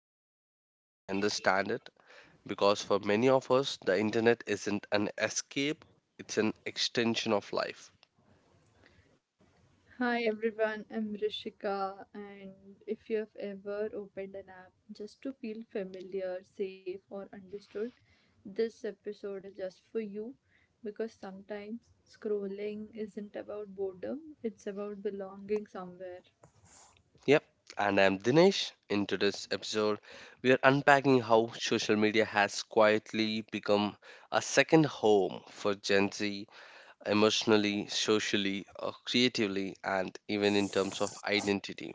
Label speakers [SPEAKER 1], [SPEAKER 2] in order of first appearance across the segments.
[SPEAKER 1] screen time, we understand it because for many of us, the internet isn't an escape, it's an extension of life.
[SPEAKER 2] Hi everyone, I'm Rishika, and if you have ever opened an app just to feel familiar, safe, or understood, this episode is just for you because sometimes scrolling isn't about boredom, it's about belonging somewhere.
[SPEAKER 1] Yep, and I'm Dinesh. In today's episode, we are unpacking how social media has quietly become a second home for Gen Z emotionally, socially, creatively, and even in terms of identity.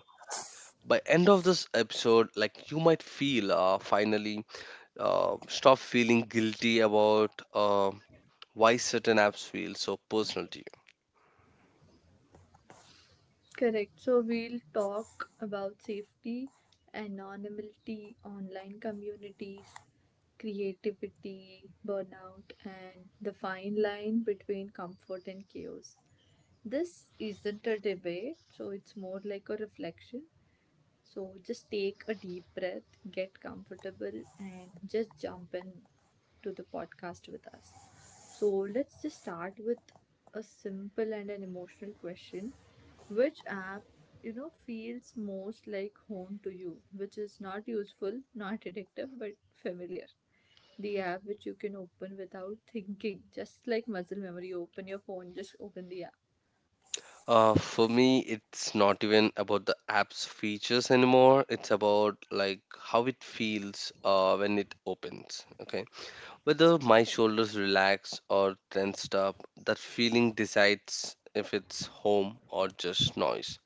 [SPEAKER 1] By end of this episode, like you might feel finally stop feeling guilty about why certain apps feel so personal to you.
[SPEAKER 2] Correct, so we'll talk about safety, anonymity, online communities, creativity, burnout, and the fine line between comfort and chaos. This isn't a debate, so it's more like a reflection. So just take a deep breath, get comfortable, and just jump in to the podcast with us. So let's just start with a simple and an emotional question. Which app, feels most like home to you, which is not useful, not addictive, but familiar? The app which you can open without thinking, just like muscle memory, you open your phone, just open the app.
[SPEAKER 1] For me, it's not even about the app's features anymore. It's about like how it feels when it opens. Okay, whether my shoulders relax or tensed up, that feeling decides if it's home or just noise.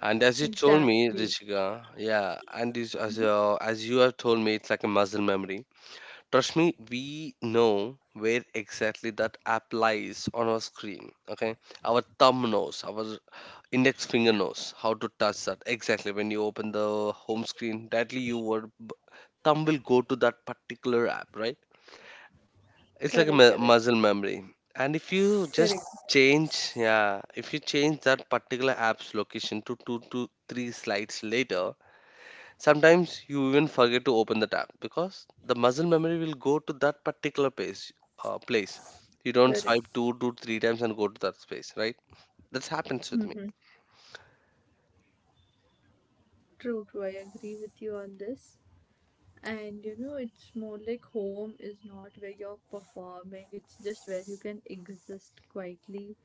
[SPEAKER 1] And as you told me,
[SPEAKER 2] Exactly.
[SPEAKER 1] Rishika, yeah, and is- as
[SPEAKER 2] Mhm.
[SPEAKER 1] uh, as you have told me, it's like a muscle memory. Trust me, we know where exactly that app lies on our screen. Okay, our thumb knows, our index finger knows how to touch that. Exactly. When you open the home screen, directly your thumb will go to that particular app, right? It's like a
[SPEAKER 2] Correct, correct.
[SPEAKER 1] muscle memory. And if you just
[SPEAKER 2] Correct.
[SPEAKER 1] change, yeah, if you change that particular app's location to two to three slides later, sometimes you even forget to open the tab because the muscle memory will go to that particular place. You don't
[SPEAKER 2] Correct.
[SPEAKER 1] swipe two to three times and go to that space, right? That happens with me.
[SPEAKER 2] Mm-hmm. True. I agree with you on this. And you know, it's more like home is not where you're performing, it's just where you can exist quietly.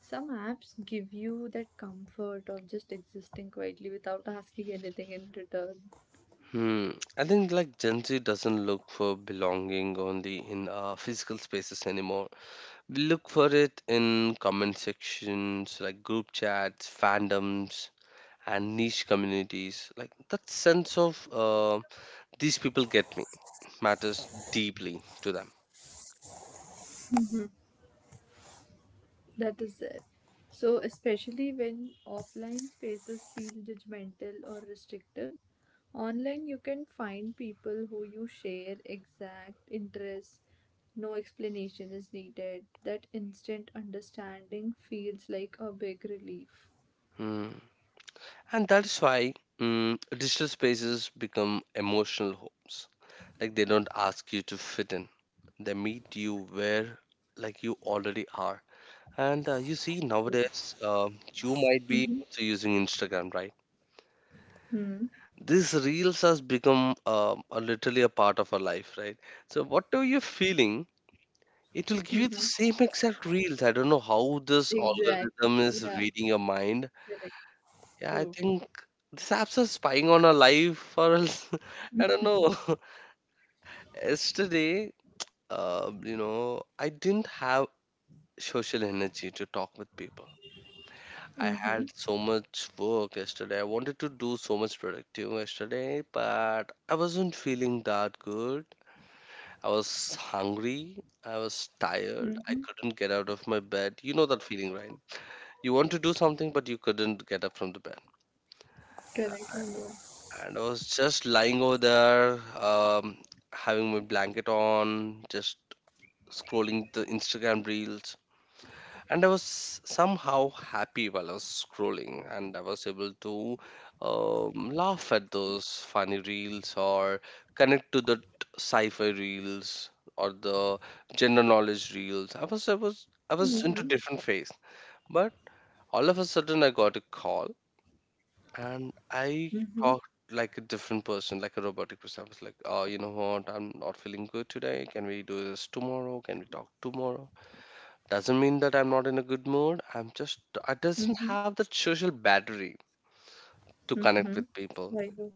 [SPEAKER 2] Some apps give you that comfort of just existing quietly without asking anything in return.
[SPEAKER 1] Hmm. I think like Gen Z doesn't look for belonging only in physical spaces anymore. We look for it in comment sections, like group chats, fandoms, and niche communities. Like that sense of these people get me matters deeply to them.
[SPEAKER 2] That is there. So, especially when offline spaces feel judgmental or restrictive, online you can find people who you share exact interests, no explanation is needed. That instant understanding feels like a big relief.
[SPEAKER 1] Hmm. And that is why digital spaces become emotional homes. Like they don't ask you to fit in. They meet you where like you already are. And you see, nowadays, you might be
[SPEAKER 2] Mm-hmm.
[SPEAKER 1] also using Instagram, right? These reels has become a literally a part of our life, right? So whatever you're feeling, it will give you the
[SPEAKER 2] Mm-hmm.
[SPEAKER 1] same exact reels. I don't know how this
[SPEAKER 2] Exactly.
[SPEAKER 1] algorithm is
[SPEAKER 2] Yeah,
[SPEAKER 1] reading your mind.
[SPEAKER 2] correct.
[SPEAKER 1] Yeah, I
[SPEAKER 2] True.
[SPEAKER 1] think these apps are spying on our life, or else I don't know. Yesterday, you know, I didn't have social energy to talk with people. I
[SPEAKER 2] Mm-hmm.
[SPEAKER 1] had so much work yesterday. I wanted to do so much productive yesterday, but I wasn't feeling that good. I was hungry. I was tired. I
[SPEAKER 2] Mm-hmm.
[SPEAKER 1] couldn't get out of my bed. You know that feeling, right? You want to do something, but you couldn't get up from the bed.
[SPEAKER 2] Correct. I know.
[SPEAKER 1] And I was just lying over there, having my blanket on, just scrolling the Instagram reels, and I was somehow happy while I was scrolling, and I was able to laugh at those funny reels or connect to the sci-fi reels or the general knowledge reels. I was I was into
[SPEAKER 2] Mm-hmm.
[SPEAKER 1] different phase, but all of a sudden I got a call and I
[SPEAKER 2] Mm-hmm.
[SPEAKER 1] talked like a different person, like a robotic person. I was like, "Oh, you know what? I'm not feeling good today. Can we do this tomorrow? Can we talk tomorrow?" Doesn't mean that I'm not in a good mood. I'm just, I doesn't
[SPEAKER 2] Mm-hmm.
[SPEAKER 1] have that social battery to connect
[SPEAKER 2] Mm-hmm.
[SPEAKER 1] with people.
[SPEAKER 2] I know.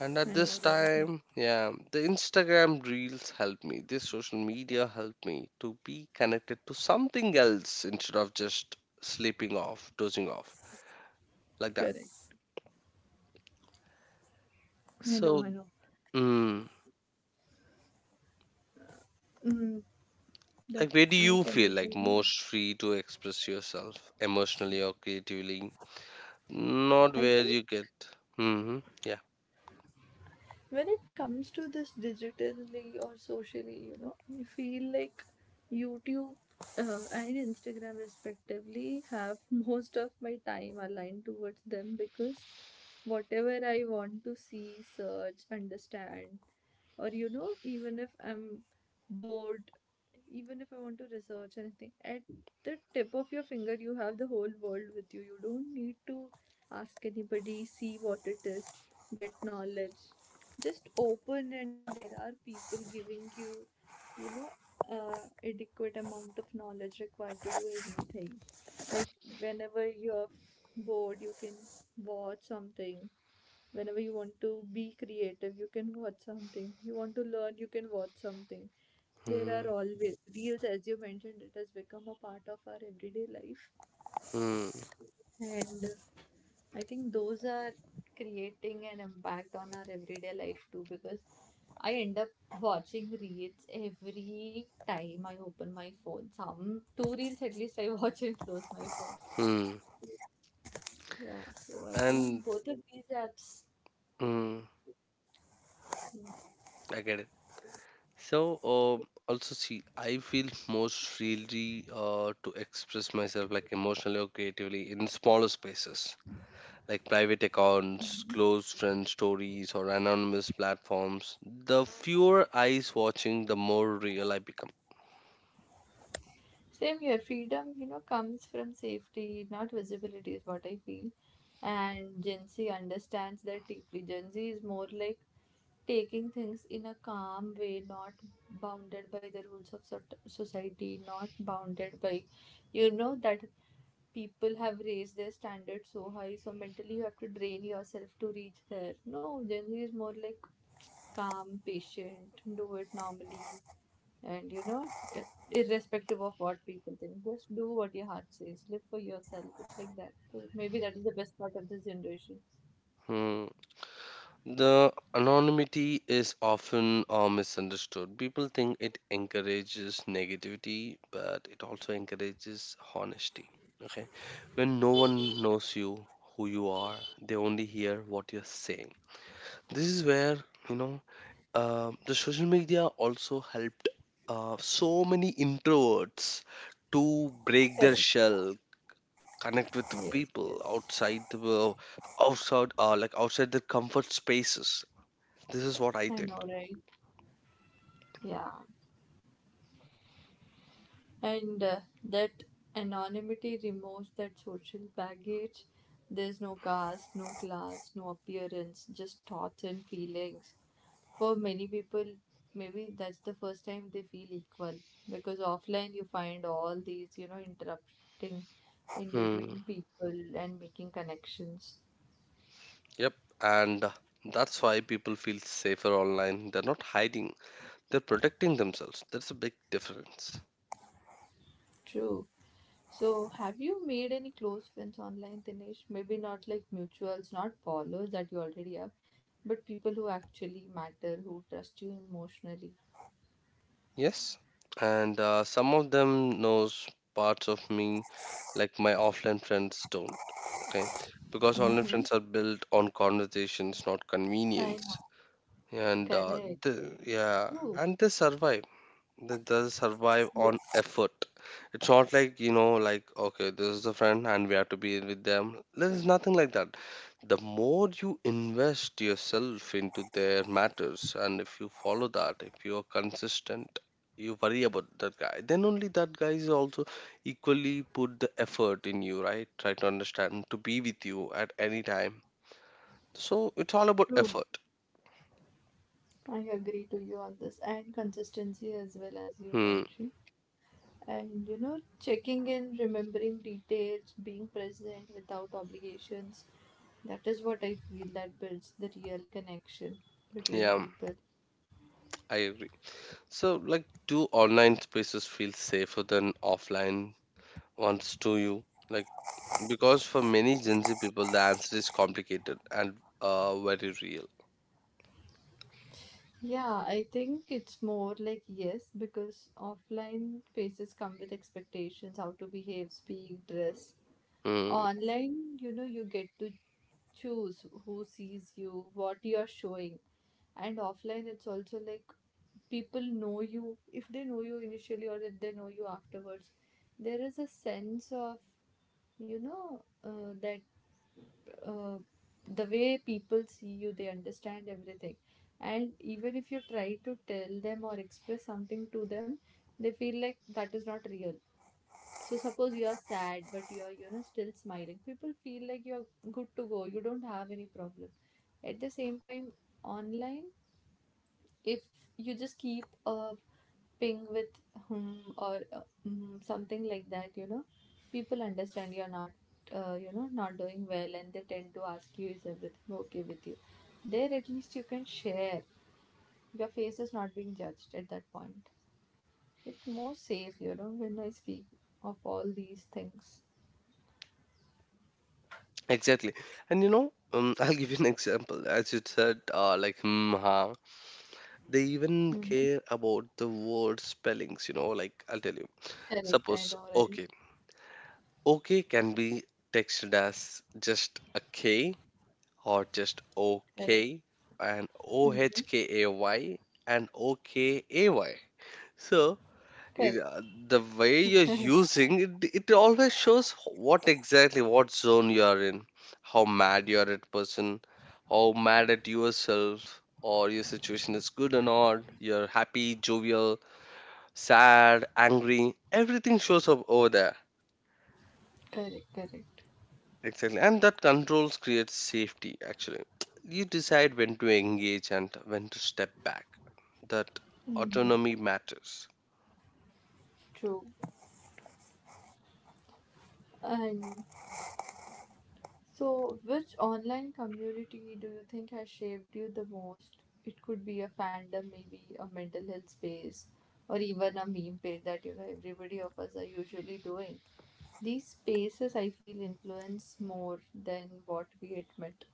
[SPEAKER 1] And at
[SPEAKER 2] I know,
[SPEAKER 1] this
[SPEAKER 2] right.
[SPEAKER 1] time, yeah, the Instagram reels help me. This social media help me to be connected to something else instead of just sleeping off, dozing off like that.
[SPEAKER 2] Correct. I know, I
[SPEAKER 1] So,
[SPEAKER 2] know.
[SPEAKER 1] mm,
[SPEAKER 2] Mm, that
[SPEAKER 1] like, where do
[SPEAKER 2] I
[SPEAKER 1] you
[SPEAKER 2] can
[SPEAKER 1] feel
[SPEAKER 2] also
[SPEAKER 1] like
[SPEAKER 2] remember.
[SPEAKER 1] most free to express yourself emotionally or creatively? Not
[SPEAKER 2] I
[SPEAKER 1] where
[SPEAKER 2] think
[SPEAKER 1] you get. Mm-hmm. Yeah.
[SPEAKER 2] when it comes to this digitally or socially, you know, I feel like YouTube and Instagram respectively have most of my time aligned towards them because whatever I want to see, search, understand, or, you know, even if I'm bored, even if I want to research anything, at the tip of your finger you have the whole world with you. You don't need to ask anybody, see what it is, get knowledge, just open and there are people giving you, you know, uh, adequate amount of knowledge required to do anything. Like whenever you're bored, you can watch something. Whenever you want to be creative, you can watch something. You want to learn, you can watch something. There are always reels. As you mentioned, it has become a part of our everyday life,
[SPEAKER 1] Mm-hmm.
[SPEAKER 2] and I think those are creating an impact on our everyday life too, because I end up watching reels every time I open my phone. Some two reels at least I watch and close my phone.
[SPEAKER 1] Mm-hmm.
[SPEAKER 2] Yeah, so I think
[SPEAKER 1] and
[SPEAKER 2] both of these apps.
[SPEAKER 1] mm, I get it. So also see, I feel most freely to express myself like emotionally or creatively in smaller spaces like private accounts, close friend stories, or anonymous platforms. The fewer eyes watching, the more real I become.
[SPEAKER 2] Same here. Freedom, you know, comes from safety, not visibility, is what I feel. And Gen Z understands that deeply. Gen Z is more like taking things in a calm way, not bounded by the rules of society, not bounded by, you know, that people have raised their standards so high, so mentally you have to drain yourself to reach there. No, Gen is more like calm, patient, do it normally, and you know, i- irrespective of what people think, just do what your heart says, live for yourself. It's like that. So maybe that is the best part of this generation.
[SPEAKER 1] Hmm. The anonymity is often misunderstood. People think it encourages negativity, but it also encourages honesty. Okay, when no one knows you, who you are, they only hear what you're saying. This is where you know the social media also helped so many introverts to break their
[SPEAKER 2] Correct.
[SPEAKER 1] shell, connect with
[SPEAKER 2] Yes, yes,
[SPEAKER 1] people outside like outside their comfort spaces, this is what I
[SPEAKER 2] I
[SPEAKER 1] think.
[SPEAKER 2] know, right? Yeah, and that anonymity removes that social baggage. There's no caste, no class, no appearance, just thoughts and feelings. For many people, maybe that's the first time they feel equal, because offline you find all these, you know, interrupting in
[SPEAKER 1] Hmm.
[SPEAKER 2] between people and making connections.
[SPEAKER 1] Yep. And that's why people feel safer online. They're not hiding, they're protecting themselves. That's a big difference.
[SPEAKER 2] True. So, have you made any close friends online, Dinesh? Maybe not like mutuals, not followers that you already have, but people who actually matter, who trust you emotionally.
[SPEAKER 1] Yes. And some of them knows parts of me like my offline friends don't. Okay. Because online
[SPEAKER 2] Mm-hmm.
[SPEAKER 1] friends are built on conversations, not
[SPEAKER 2] I know.
[SPEAKER 1] convenience. And
[SPEAKER 2] Correct.
[SPEAKER 1] yeah,
[SPEAKER 2] True.
[SPEAKER 1] and they survive. That does survive on
[SPEAKER 2] Yes,
[SPEAKER 1] effort. It's not like, you know, like, okay, this is a friend and we have to be with them. There is nothing like that. The more you invest yourself into their matters, and if you follow that, if you are consistent, you worry about that guy, then only that guy is also equally put the effort in you, right? Try to understand, to be with you at any time. So it's all about
[SPEAKER 2] true.
[SPEAKER 1] effort.
[SPEAKER 2] I agree to you on this. And consistency as well, as you
[SPEAKER 1] Hmm.
[SPEAKER 2] mentioned. And you know, checking in, remembering details, being present without obligations. That is what I feel that builds the real connection between
[SPEAKER 1] Yeah,
[SPEAKER 2] people.
[SPEAKER 1] I So, like, do online spaces feel safer than offline ones to you? Like, because for many Gen Z people, the answer is complicated and very real.
[SPEAKER 2] Yeah, I think it's more like yes, because offline faces come with expectations, how to behave, speak, dress.
[SPEAKER 1] Mm,
[SPEAKER 2] Online, you know, you get to choose who sees you, what you're showing. And offline, it's also like people know you. If they know you initially or if they know you afterwards, there is a sense of, you know, that uh, the way people see you, they understand everything. And even if you try to tell them or express something to them, they feel like that is not real. So suppose you are sad, but you are, you know, still smiling, people feel like you are good to go, you don't have any problem. At the same time, online, if you just keep a ping with hmm or something like that, you know, people understand you're not, you know, not doing well, and they tend to ask you, is everything okay with you? There, at least you can share. Your face is not being judged at that point. It's more safe, you know, when I speak of all these things.
[SPEAKER 1] exactly. And you know, I'll give you an example. As you said, like, hmm, ha, they even
[SPEAKER 2] Hmm.
[SPEAKER 1] care about the word spellings, you know, like, I'll tell you.
[SPEAKER 2] Correct, I
[SPEAKER 1] Suppose,
[SPEAKER 2] know, right?
[SPEAKER 1] okay. Okay can be texted as just a K or just
[SPEAKER 2] Correct.
[SPEAKER 1] OK and
[SPEAKER 2] Hmm.
[SPEAKER 1] OHKAY and OKAY. So
[SPEAKER 2] Correct,
[SPEAKER 1] the way you're using it, it always shows what exactly what zone you are in, how mad you are at person, how mad at yourself, or your situation is good or not. You're happy, jovial, sad, angry. Everything shows up over there.
[SPEAKER 2] correct, correct.
[SPEAKER 1] Exactly, and that controls creates safety. Actually, you decide when to engage and when to step back. That
[SPEAKER 2] Mm-hmm.
[SPEAKER 1] autonomy matters.
[SPEAKER 2] True. And so, which online community do you think has shaped you the most? It could be a fandom, maybe a mental health space, or even a meme page that, you know, everybody of us are usually doing. These spaces, I feel, influence more than what we admit.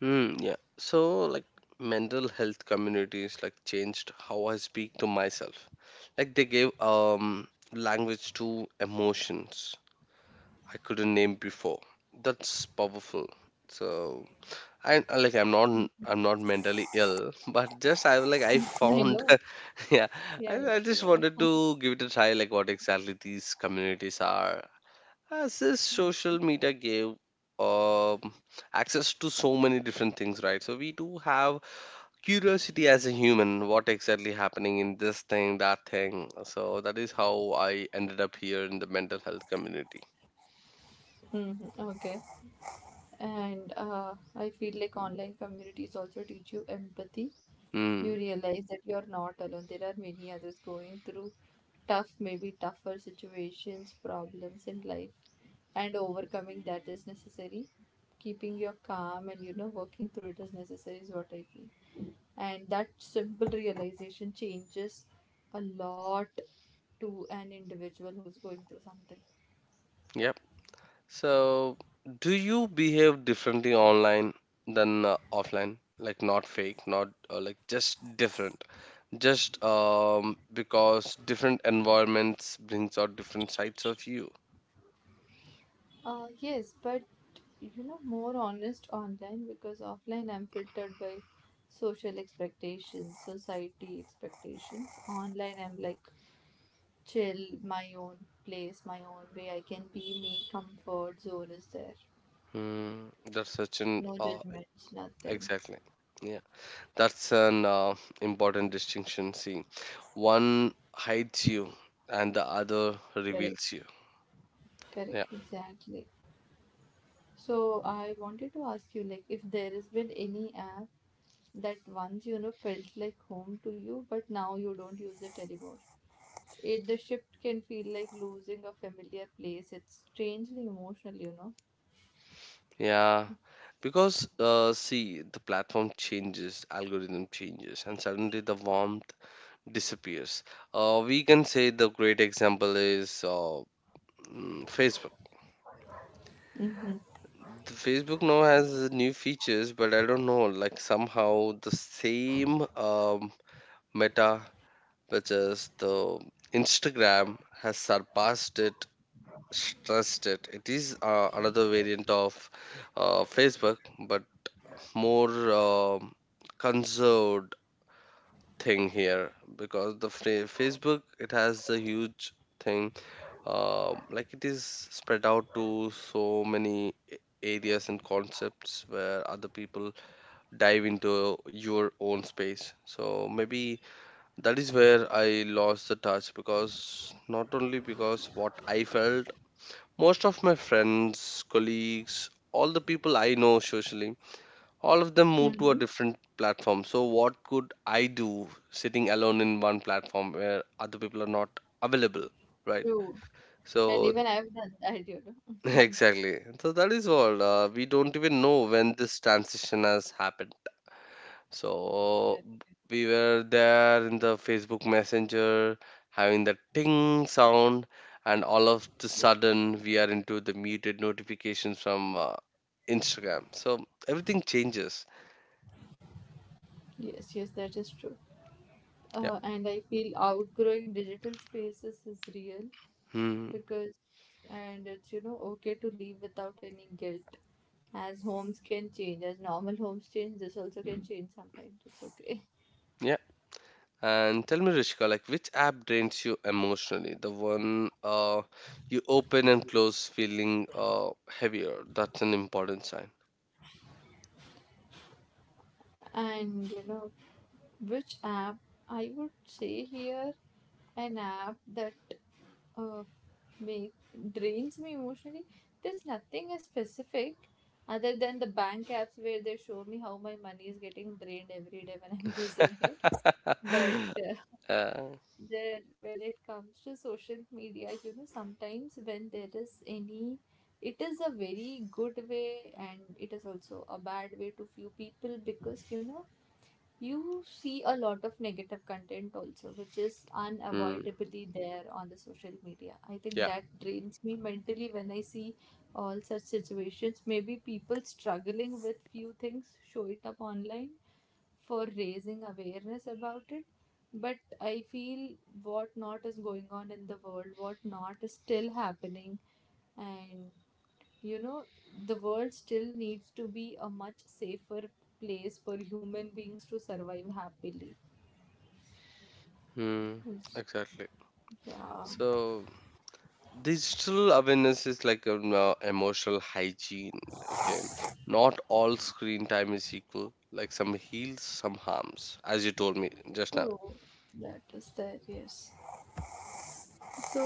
[SPEAKER 1] Hmm. Yeah. So, like, mental health communities like changed how I speak to myself. Like they gave language to emotions I couldn't name before. That's powerful. So I like I'm not mentally ill, but just I
[SPEAKER 2] I
[SPEAKER 1] found
[SPEAKER 2] know.
[SPEAKER 1] yeah.
[SPEAKER 2] Yeah, yeah,
[SPEAKER 1] I just
[SPEAKER 2] yeah.
[SPEAKER 1] wanted to give it a try like what exactly these communities are. As this social media gave um access to so many different things, right? So we do have curiosity as a human, what exactly happening in this thing, that thing. So that is how I ended up here in the mental health community.
[SPEAKER 2] Hmm. Okay. And I feel like online communities also teach you empathy. You
[SPEAKER 1] Hmm.
[SPEAKER 2] realize that you're not alone, there are many others going through tough, maybe tougher, situations, problems in life, and overcoming that is necessary. Keeping your calm and, you know, working through it is necessary, is what I feel, and that simple realization changes a lot to an individual who's going through something.
[SPEAKER 1] Yeah. So, do you behave differently online than offline? Like not fake, not like just different. Just because different environments brings out different sides of you.
[SPEAKER 2] Yes, but you know, more honest online, because offline I'm filtered by social expectations, society expectations. Online I'm like chill, my own place, my own way. I can be me, comfort zone is there.
[SPEAKER 1] Hmm, that's such an
[SPEAKER 2] No judgments, nothing.
[SPEAKER 1] Exactly. Yeah, that's an important distinction. See, one hides you and the other
[SPEAKER 2] Correct,
[SPEAKER 1] reveals you. Yeah.
[SPEAKER 2] correct, exactly. So I wanted to ask you, like, if there has been any app that, once, you know, felt like home to you, but now you don't use it anymore. It, the shift can feel like losing a familiar place. It's strangely emotional, you know.
[SPEAKER 1] Yeah, because, see, the platform changes, algorithm changes, and suddenly the warmth disappears. We can say the great example is Facebook.
[SPEAKER 2] Mm-hmm.
[SPEAKER 1] The Facebook now has new features, but I don't know, like somehow the same meta, which is the Instagram, has surpassed it, stressed it. It is another variant of Facebook, but more conserved thing here because the Facebook, it has a huge thing, like it is spread out to so many areas and concepts where other people dive into your own space, so maybe that is where I lost the touch because not only because what I felt, most of my friends, colleagues, all the people I know socially, all of them moved to a
[SPEAKER 2] Mm-hmm.
[SPEAKER 1] different platform, so what could I do sitting alone in one platform where other people are not available, right?
[SPEAKER 2] True.
[SPEAKER 1] So
[SPEAKER 2] And even I've done that, you know.
[SPEAKER 1] exactly. So that is all, we don't even know when this transition has happened. So
[SPEAKER 2] Correct.
[SPEAKER 1] we were there in the Facebook messenger having the ting sound, and all of the
[SPEAKER 2] Yes,
[SPEAKER 1] sudden we are into the muted notifications from Instagram, so everything changes.
[SPEAKER 2] yes, that is true.
[SPEAKER 1] Yeah.
[SPEAKER 2] And I feel outgrowing digital spaces is real
[SPEAKER 1] Hmm.
[SPEAKER 2] because, and it's, you know, okay to leave without any guilt. As homes can change, as normal homes change, this also can change sometimes. It's okay.
[SPEAKER 1] Yeah. And tell me, Rishika, like which app drains you emotionally? The one you open and close feeling heavier. That's an important sign.
[SPEAKER 2] And, you know, which app? I would say here an app that uh, make drains me emotionally. There's nothing as specific other than the bank apps, where they show me how my money is getting drained every day when I'm using it. But uh,
[SPEAKER 1] uh,
[SPEAKER 2] there, when it comes to social media, you know, sometimes when there is any, it is a very good way and it is also a bad way to few people, because you know you see a lot of negative content also which is
[SPEAKER 1] hmm,
[SPEAKER 2] unavoidably there on the social media. I think
[SPEAKER 1] yeah.
[SPEAKER 2] that drains me mentally when I see all such situations, maybe people struggling with few things, show it up online for raising awareness about it. But I feel what not is going on in the world, what not is still happening, and you know, the world still needs to be a much safer place for human beings to survive happily.
[SPEAKER 1] Hmm,
[SPEAKER 2] Yes.
[SPEAKER 1] exactly.
[SPEAKER 2] Yeah.
[SPEAKER 1] So digital awareness is like an emotional hygiene. Okay, not all screen time is equal. Like some heals, some harms, as you told me just now.
[SPEAKER 2] True. That is there. Yes. So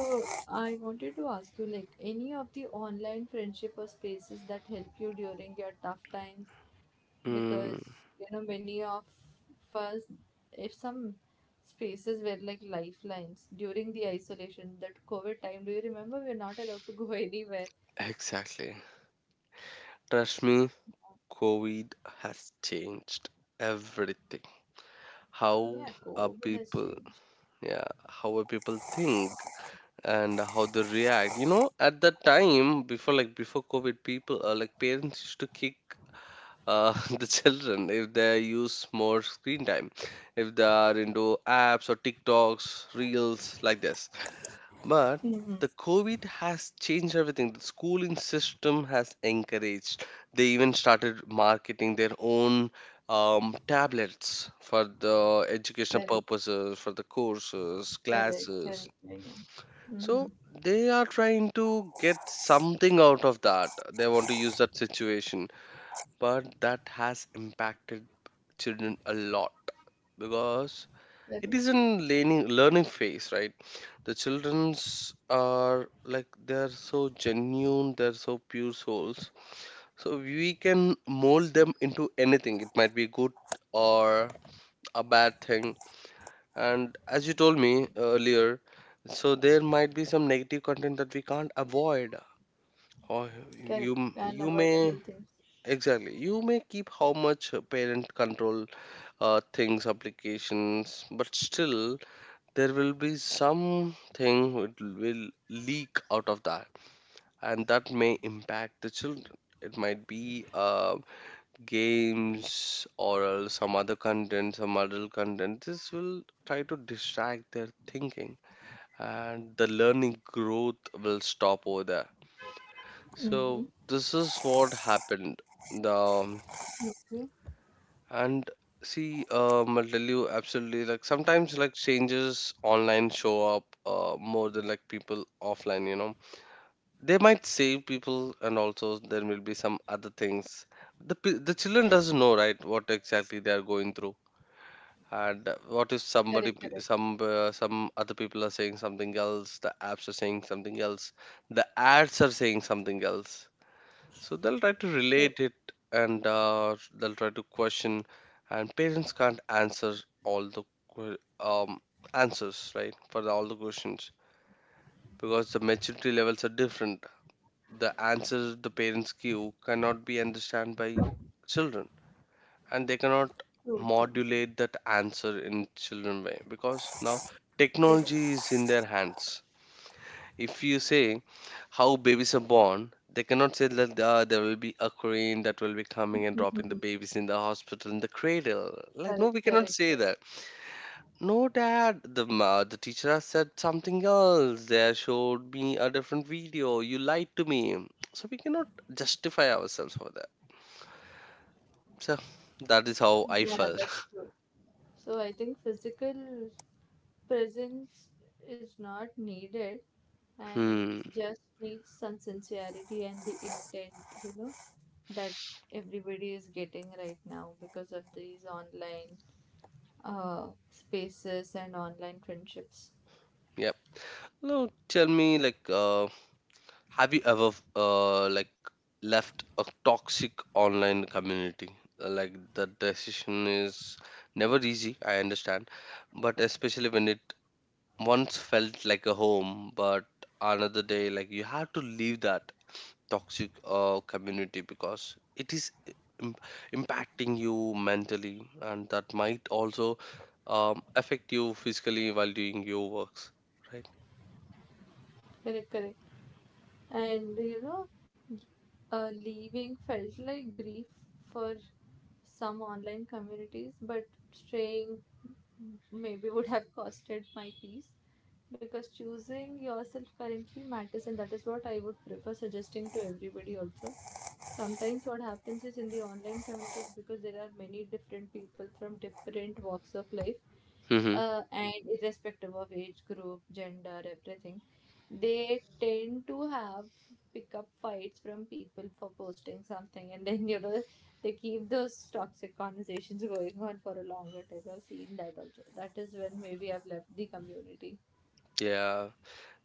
[SPEAKER 2] I wanted to ask you, like, any of the online friendship or spaces that help you during your tough times,
[SPEAKER 1] Mm,
[SPEAKER 2] because you know, many of us, if some spaces were like lifelines during the isolation, that COVID time, do you remember, we were not allowed to go anywhere.
[SPEAKER 1] exactly. Trust me, COVID has changed everything. How
[SPEAKER 2] Yeah,
[SPEAKER 1] are
[SPEAKER 2] COVID has
[SPEAKER 1] people,
[SPEAKER 2] changed.
[SPEAKER 1] yeah, how are people think and how they react. You know, at that time before, like before COVID, people like parents used to kick uh, the children if they use more screen time, if they are into apps or TikToks, reels like this. But
[SPEAKER 2] Mm-hmm.
[SPEAKER 1] the COVID has changed everything. The schooling system has encouraged. They even started marketing their own tablets for the educational
[SPEAKER 2] Correct,
[SPEAKER 1] purposes, for the courses,
[SPEAKER 2] correct,
[SPEAKER 1] classes.
[SPEAKER 2] correct. I know. Mm-hmm.
[SPEAKER 1] So they are trying to get something out of that. They want to use that situation. But that has impacted children a lot because it is
[SPEAKER 2] Correct,
[SPEAKER 1] in learning phase, right? The children's are like, they're so genuine, they're so pure souls, so we can mold them into anything. It might be good or a bad thing. And as you told me earlier, so there might be some negative content that we can't avoid. Or
[SPEAKER 2] correct.
[SPEAKER 1] you you may,
[SPEAKER 2] Unavoidable things.
[SPEAKER 1] exactly, you may keep how much parent control things, applications, but still there will be something which will leak out of that, and that may impact the children. It might be games or else some other content, some adult content. This will try to distract their thinking, and the learning growth will stop over there.
[SPEAKER 2] Mm-hmm.
[SPEAKER 1] So this is what happened, the
[SPEAKER 2] Okay.
[SPEAKER 1] and see, I'll tell you. Absolutely, like sometimes like changes online show up more than like people offline, you know. They might save people, and also there will be some other things. The children doesn't know, right, what exactly they are going through. And what if somebody,
[SPEAKER 2] Correct, correct.
[SPEAKER 1] some other people are saying something else, the apps are saying something else, the ads are saying something else, so they'll try to
[SPEAKER 2] True,
[SPEAKER 1] relate it. And they'll try to question, and parents can't answer all the que- um, answers, right, for the, all the questions, because the maturity levels are different. The answers the parents give cannot be understood by children, and they cannot
[SPEAKER 2] true.
[SPEAKER 1] modulate that answer in children way, because now
[SPEAKER 2] Correct,
[SPEAKER 1] technology is in their hands. If you say how babies are born, they cannot say that there will be a crane that will be coming and dropping the
[SPEAKER 2] Mhm.
[SPEAKER 1] babies in the hospital in the cradle. Like, no,
[SPEAKER 2] correct,
[SPEAKER 1] we cannot
[SPEAKER 2] correct,
[SPEAKER 1] say
[SPEAKER 2] correct.
[SPEAKER 1] that. No, dad, the teacher has said something else. They have showed me a different video. You lied to me. So we cannot justify ourselves for that. So that is how I
[SPEAKER 2] Yeah,
[SPEAKER 1] felt.
[SPEAKER 2] that's true. So I think physical presence is not needed, and it
[SPEAKER 1] hmm.
[SPEAKER 2] just needs some sincerity and the intent, you know, that everybody is getting right now because of these online spaces and online friendships.
[SPEAKER 1] Yep. No, tell me like, have you ever like left a toxic online community? Like the decision is never easy, I understand, but especially when it once felt like a home, but another day like you have to leave that toxic community because it is im- impacting you mentally, and that might also affect you physically while doing your works, right?
[SPEAKER 2] Correct, correct. And you know, leaving felt like grief for some online communities, but staying maybe would have costed my peace, because choosing yourself currently matters, and that is what I would prefer suggesting to everybody also. Sometimes what happens is in the online communities, because there are many different people from different walks of life,
[SPEAKER 1] Mm-hmm.
[SPEAKER 2] and irrespective of age group, gender, everything, they tend to have pickup fights from people for posting something, and then you know they keep those toxic conversations going on for a longer time. I've seen that also. That is when maybe I've left the community.
[SPEAKER 1] Yeah.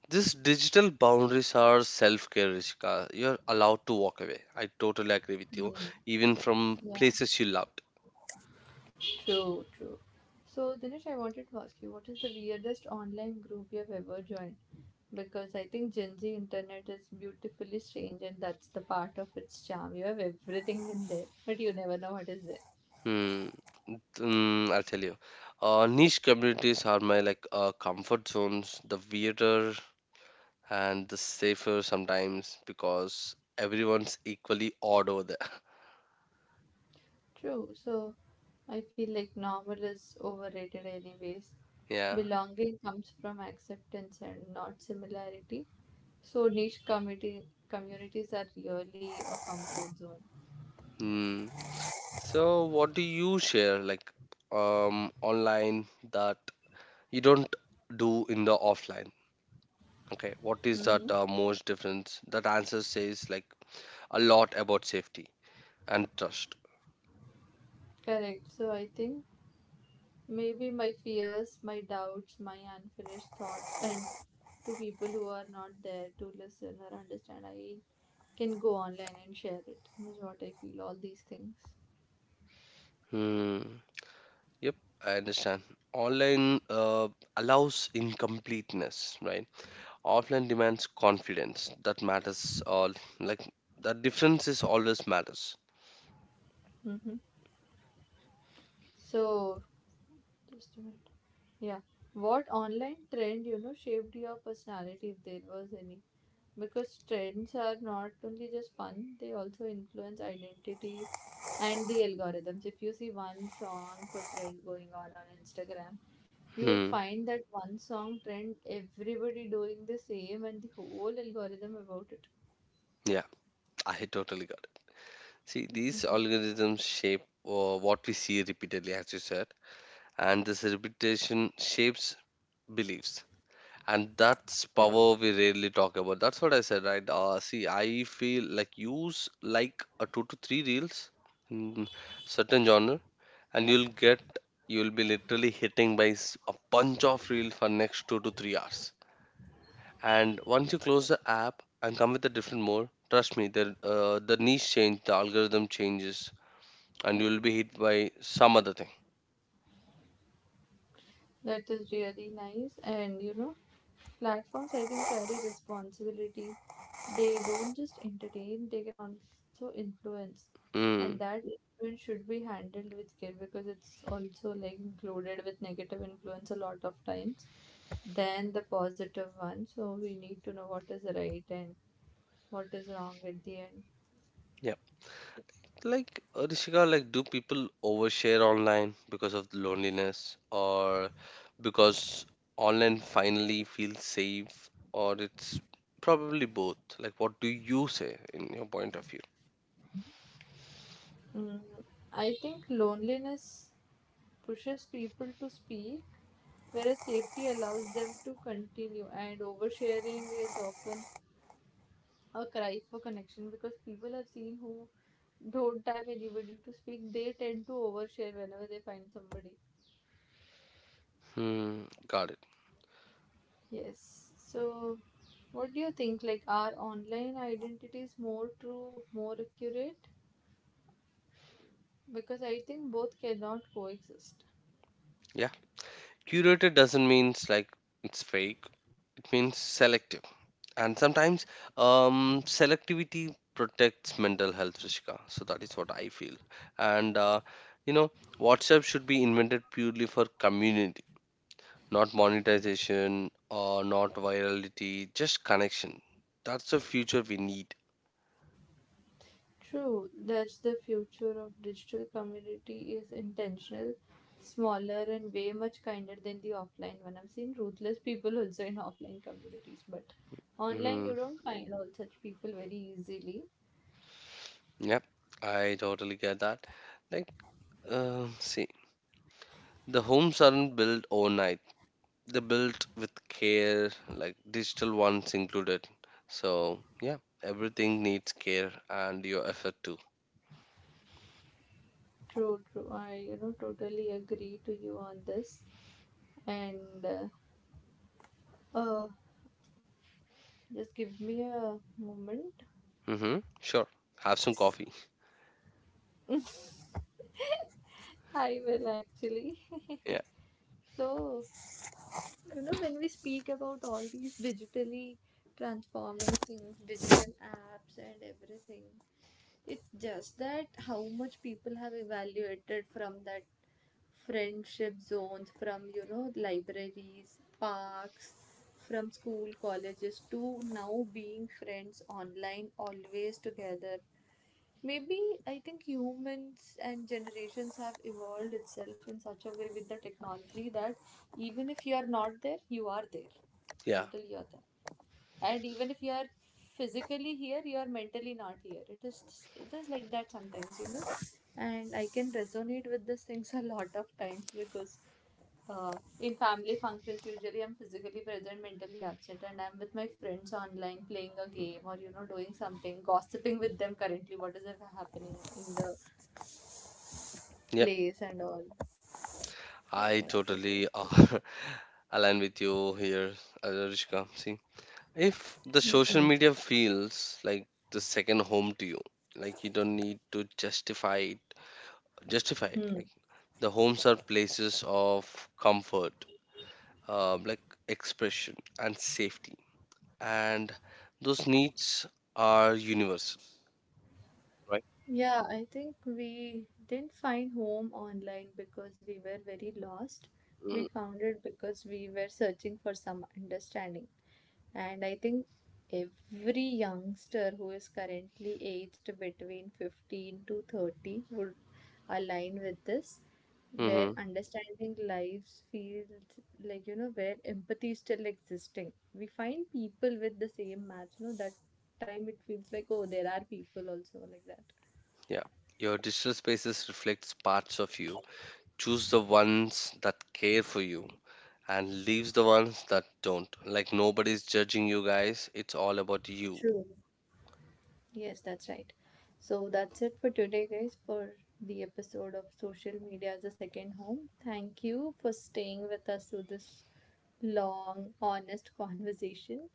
[SPEAKER 1] These digital boundaries are self care, Rishika. You're allowed to walk away. I totally agree with you,
[SPEAKER 2] Hmm.
[SPEAKER 1] even from
[SPEAKER 2] Yeah,
[SPEAKER 1] places you loved.
[SPEAKER 2] true, true. So Dinesh, I wanted to ask you, what is the weirdest online group you've ever joined? Because I think Gen Z internet is beautifully strange and that's the part of its charm. You have everything in there but you never know what is there.
[SPEAKER 1] Hmm. Mm, I'll tell you. Niche communities are my like comfort zones, the weirder and the safer sometimes because everyone's equally odd over there.
[SPEAKER 2] True. So I feel like normal is overrated, anyways.
[SPEAKER 1] Yeah.
[SPEAKER 2] Belonging comes from acceptance and not similarity. So niche community communities are really a comfort zone.
[SPEAKER 1] Hmm. So, what do you share, like, online, that you don't do in the offline? Okay, what is
[SPEAKER 2] Mm-hmm.
[SPEAKER 1] that most difference? That answer says like a lot about safety and trust.
[SPEAKER 2] Correct. So I think maybe my fears, my doubts, my unfinished thoughts, and to people who are not there to listen or understand, I can go online and share it. Is what I feel. All these things.
[SPEAKER 1] Hmm. Yep, I understand. Online allows incompleteness, right? Offline demands confidence. That matters. All like that difference is always matters.
[SPEAKER 2] Mm-hmm. So just a minute. Yeah. What online trend, you know, shaped your personality if there was any? Because trends are not only just fun, they also influence identity and the algorithms. If you see one song for trend going on Instagram, you will
[SPEAKER 1] Hmm.
[SPEAKER 2] find that one song trend, everybody doing the same and the whole algorithm about it.
[SPEAKER 1] Yeah, I totally got it. See, these algorithms shape what we see repeatedly, as you said, and this repetition shapes beliefs. And that's power we rarely talk about. That's what I said, right? Uh, see, I feel like use like a 2 to 3 reels in certain genre, and you'll be literally hitting by a bunch of reel for next 2 to 3 hours. And once you close the app and come with a different mode, trust me, the niche change, the algorithm changes, and you'll be hit by some other thing.
[SPEAKER 2] That is really nice. And you know, platforms I think carry responsibility. They don't just entertain, they can also influence. And
[SPEAKER 1] Mm.
[SPEAKER 2] that influence should be handled with care because it's also like included with negative influence a lot of times than the positive one. So we need to know what is right and what is wrong at the end.
[SPEAKER 1] Like Rishika, like do people overshare online because of loneliness, or because online finally feels safe, or it's probably both. Like what do you say in your point of view?
[SPEAKER 2] I think loneliness pushes people to speak, whereas safety allows them to continue. And oversharing is often a cry for connection, because people I've seen who don't have anybody to speak, they tend to overshare whenever they find somebody.
[SPEAKER 1] Hmm, got it.
[SPEAKER 2] Yes. So, what do you think? Like, are online identities more true, more accurate? Because I think both cannot coexist.
[SPEAKER 1] Yeah. Curated doesn't mean like it's fake. It means selective. And sometimes, um, selectivity protects mental health, Rishika. So that is what I feel. And you know, WhatsApp should be invented purely for community, not monetization or not virality, just connection. That's the future we need.
[SPEAKER 2] True, that's the future of digital community, is intentional, smaller and way much kinder than the offline one. I've seen ruthless people also in offline communities, but online
[SPEAKER 1] Hmm.
[SPEAKER 2] you don't find all such people very easily.
[SPEAKER 1] Yep, I totally get that. Like, um, see, the homes aren't built overnight. They're built with care, like digital ones included. So, yeah, everything needs care and your effort too.
[SPEAKER 2] True, true. I, you know, totally agree to you on this. And uh, uh just give me a moment.
[SPEAKER 1] Mm-hmm. Sure, have some coffee.
[SPEAKER 2] I will actually.
[SPEAKER 1] Yeah,
[SPEAKER 2] So you know, when we speak about all these digitally transforming things, digital apps and everything, it's just that how much people have evaluated from that friendship zones, from, you know, libraries, parks, from school, colleges to now being friends online, always together. Maybe I think humans and generations have evolved itself in such a way with the technology that even if you are not there, you are there.
[SPEAKER 1] yeah,
[SPEAKER 2] Mentally, you're there. And even if you are physically here, you are mentally not here. It is like that sometimes, you know, and I can resonate with these things a lot of times because uh, in family functions, usually I'm physically present, mentally absent, and I'm with my friends online playing a game or you know doing something, gossiping with them currently what is happening in the
[SPEAKER 1] yep.
[SPEAKER 2] place and all. So
[SPEAKER 1] I
[SPEAKER 2] that is what
[SPEAKER 1] totally
[SPEAKER 2] I do.
[SPEAKER 1] align with you here, Arishka. See, if the social
[SPEAKER 2] Hmm.
[SPEAKER 1] media feels like the second home to you, like you don't need to justify it.
[SPEAKER 2] Hmm.
[SPEAKER 1] Like the homes are places of comfort, like expression and safety, and those needs are universal, right?
[SPEAKER 2] Yeah, I think we didn't find home online because we were very lost. We found it because we were searching for some understanding. And I think every youngster who is currently aged between 15 to 30 would align with this, where
[SPEAKER 1] Mm-hmm.
[SPEAKER 2] understanding lives feels like, you know, where empathy is still existing. We find people with the same match, you know, that time it feels like, oh, there are people also like that.
[SPEAKER 1] Yeah. Your digital spaces reflects parts of you. Choose the ones that care for you and leaves the ones that don't. Like nobody's judging you guys. It's all about you.
[SPEAKER 2] True. Yes, that's right. So that's it for today, guys, for the episode of Social Media as a Second Home. Thank you for staying with us through this long, honest conversation.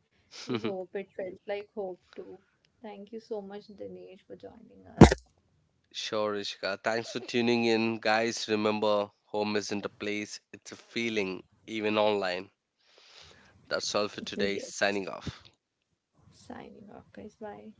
[SPEAKER 2] We hope it felt like hope too. Thank you so much, Dinesh, for joining us.
[SPEAKER 1] Sure, Ishka. Thanks for tuning in. Guys, remember, home isn't a place, it's a feeling, even online. That's all for today.
[SPEAKER 2] Yes.
[SPEAKER 1] Signing off.
[SPEAKER 2] Signing off, guys. Bye.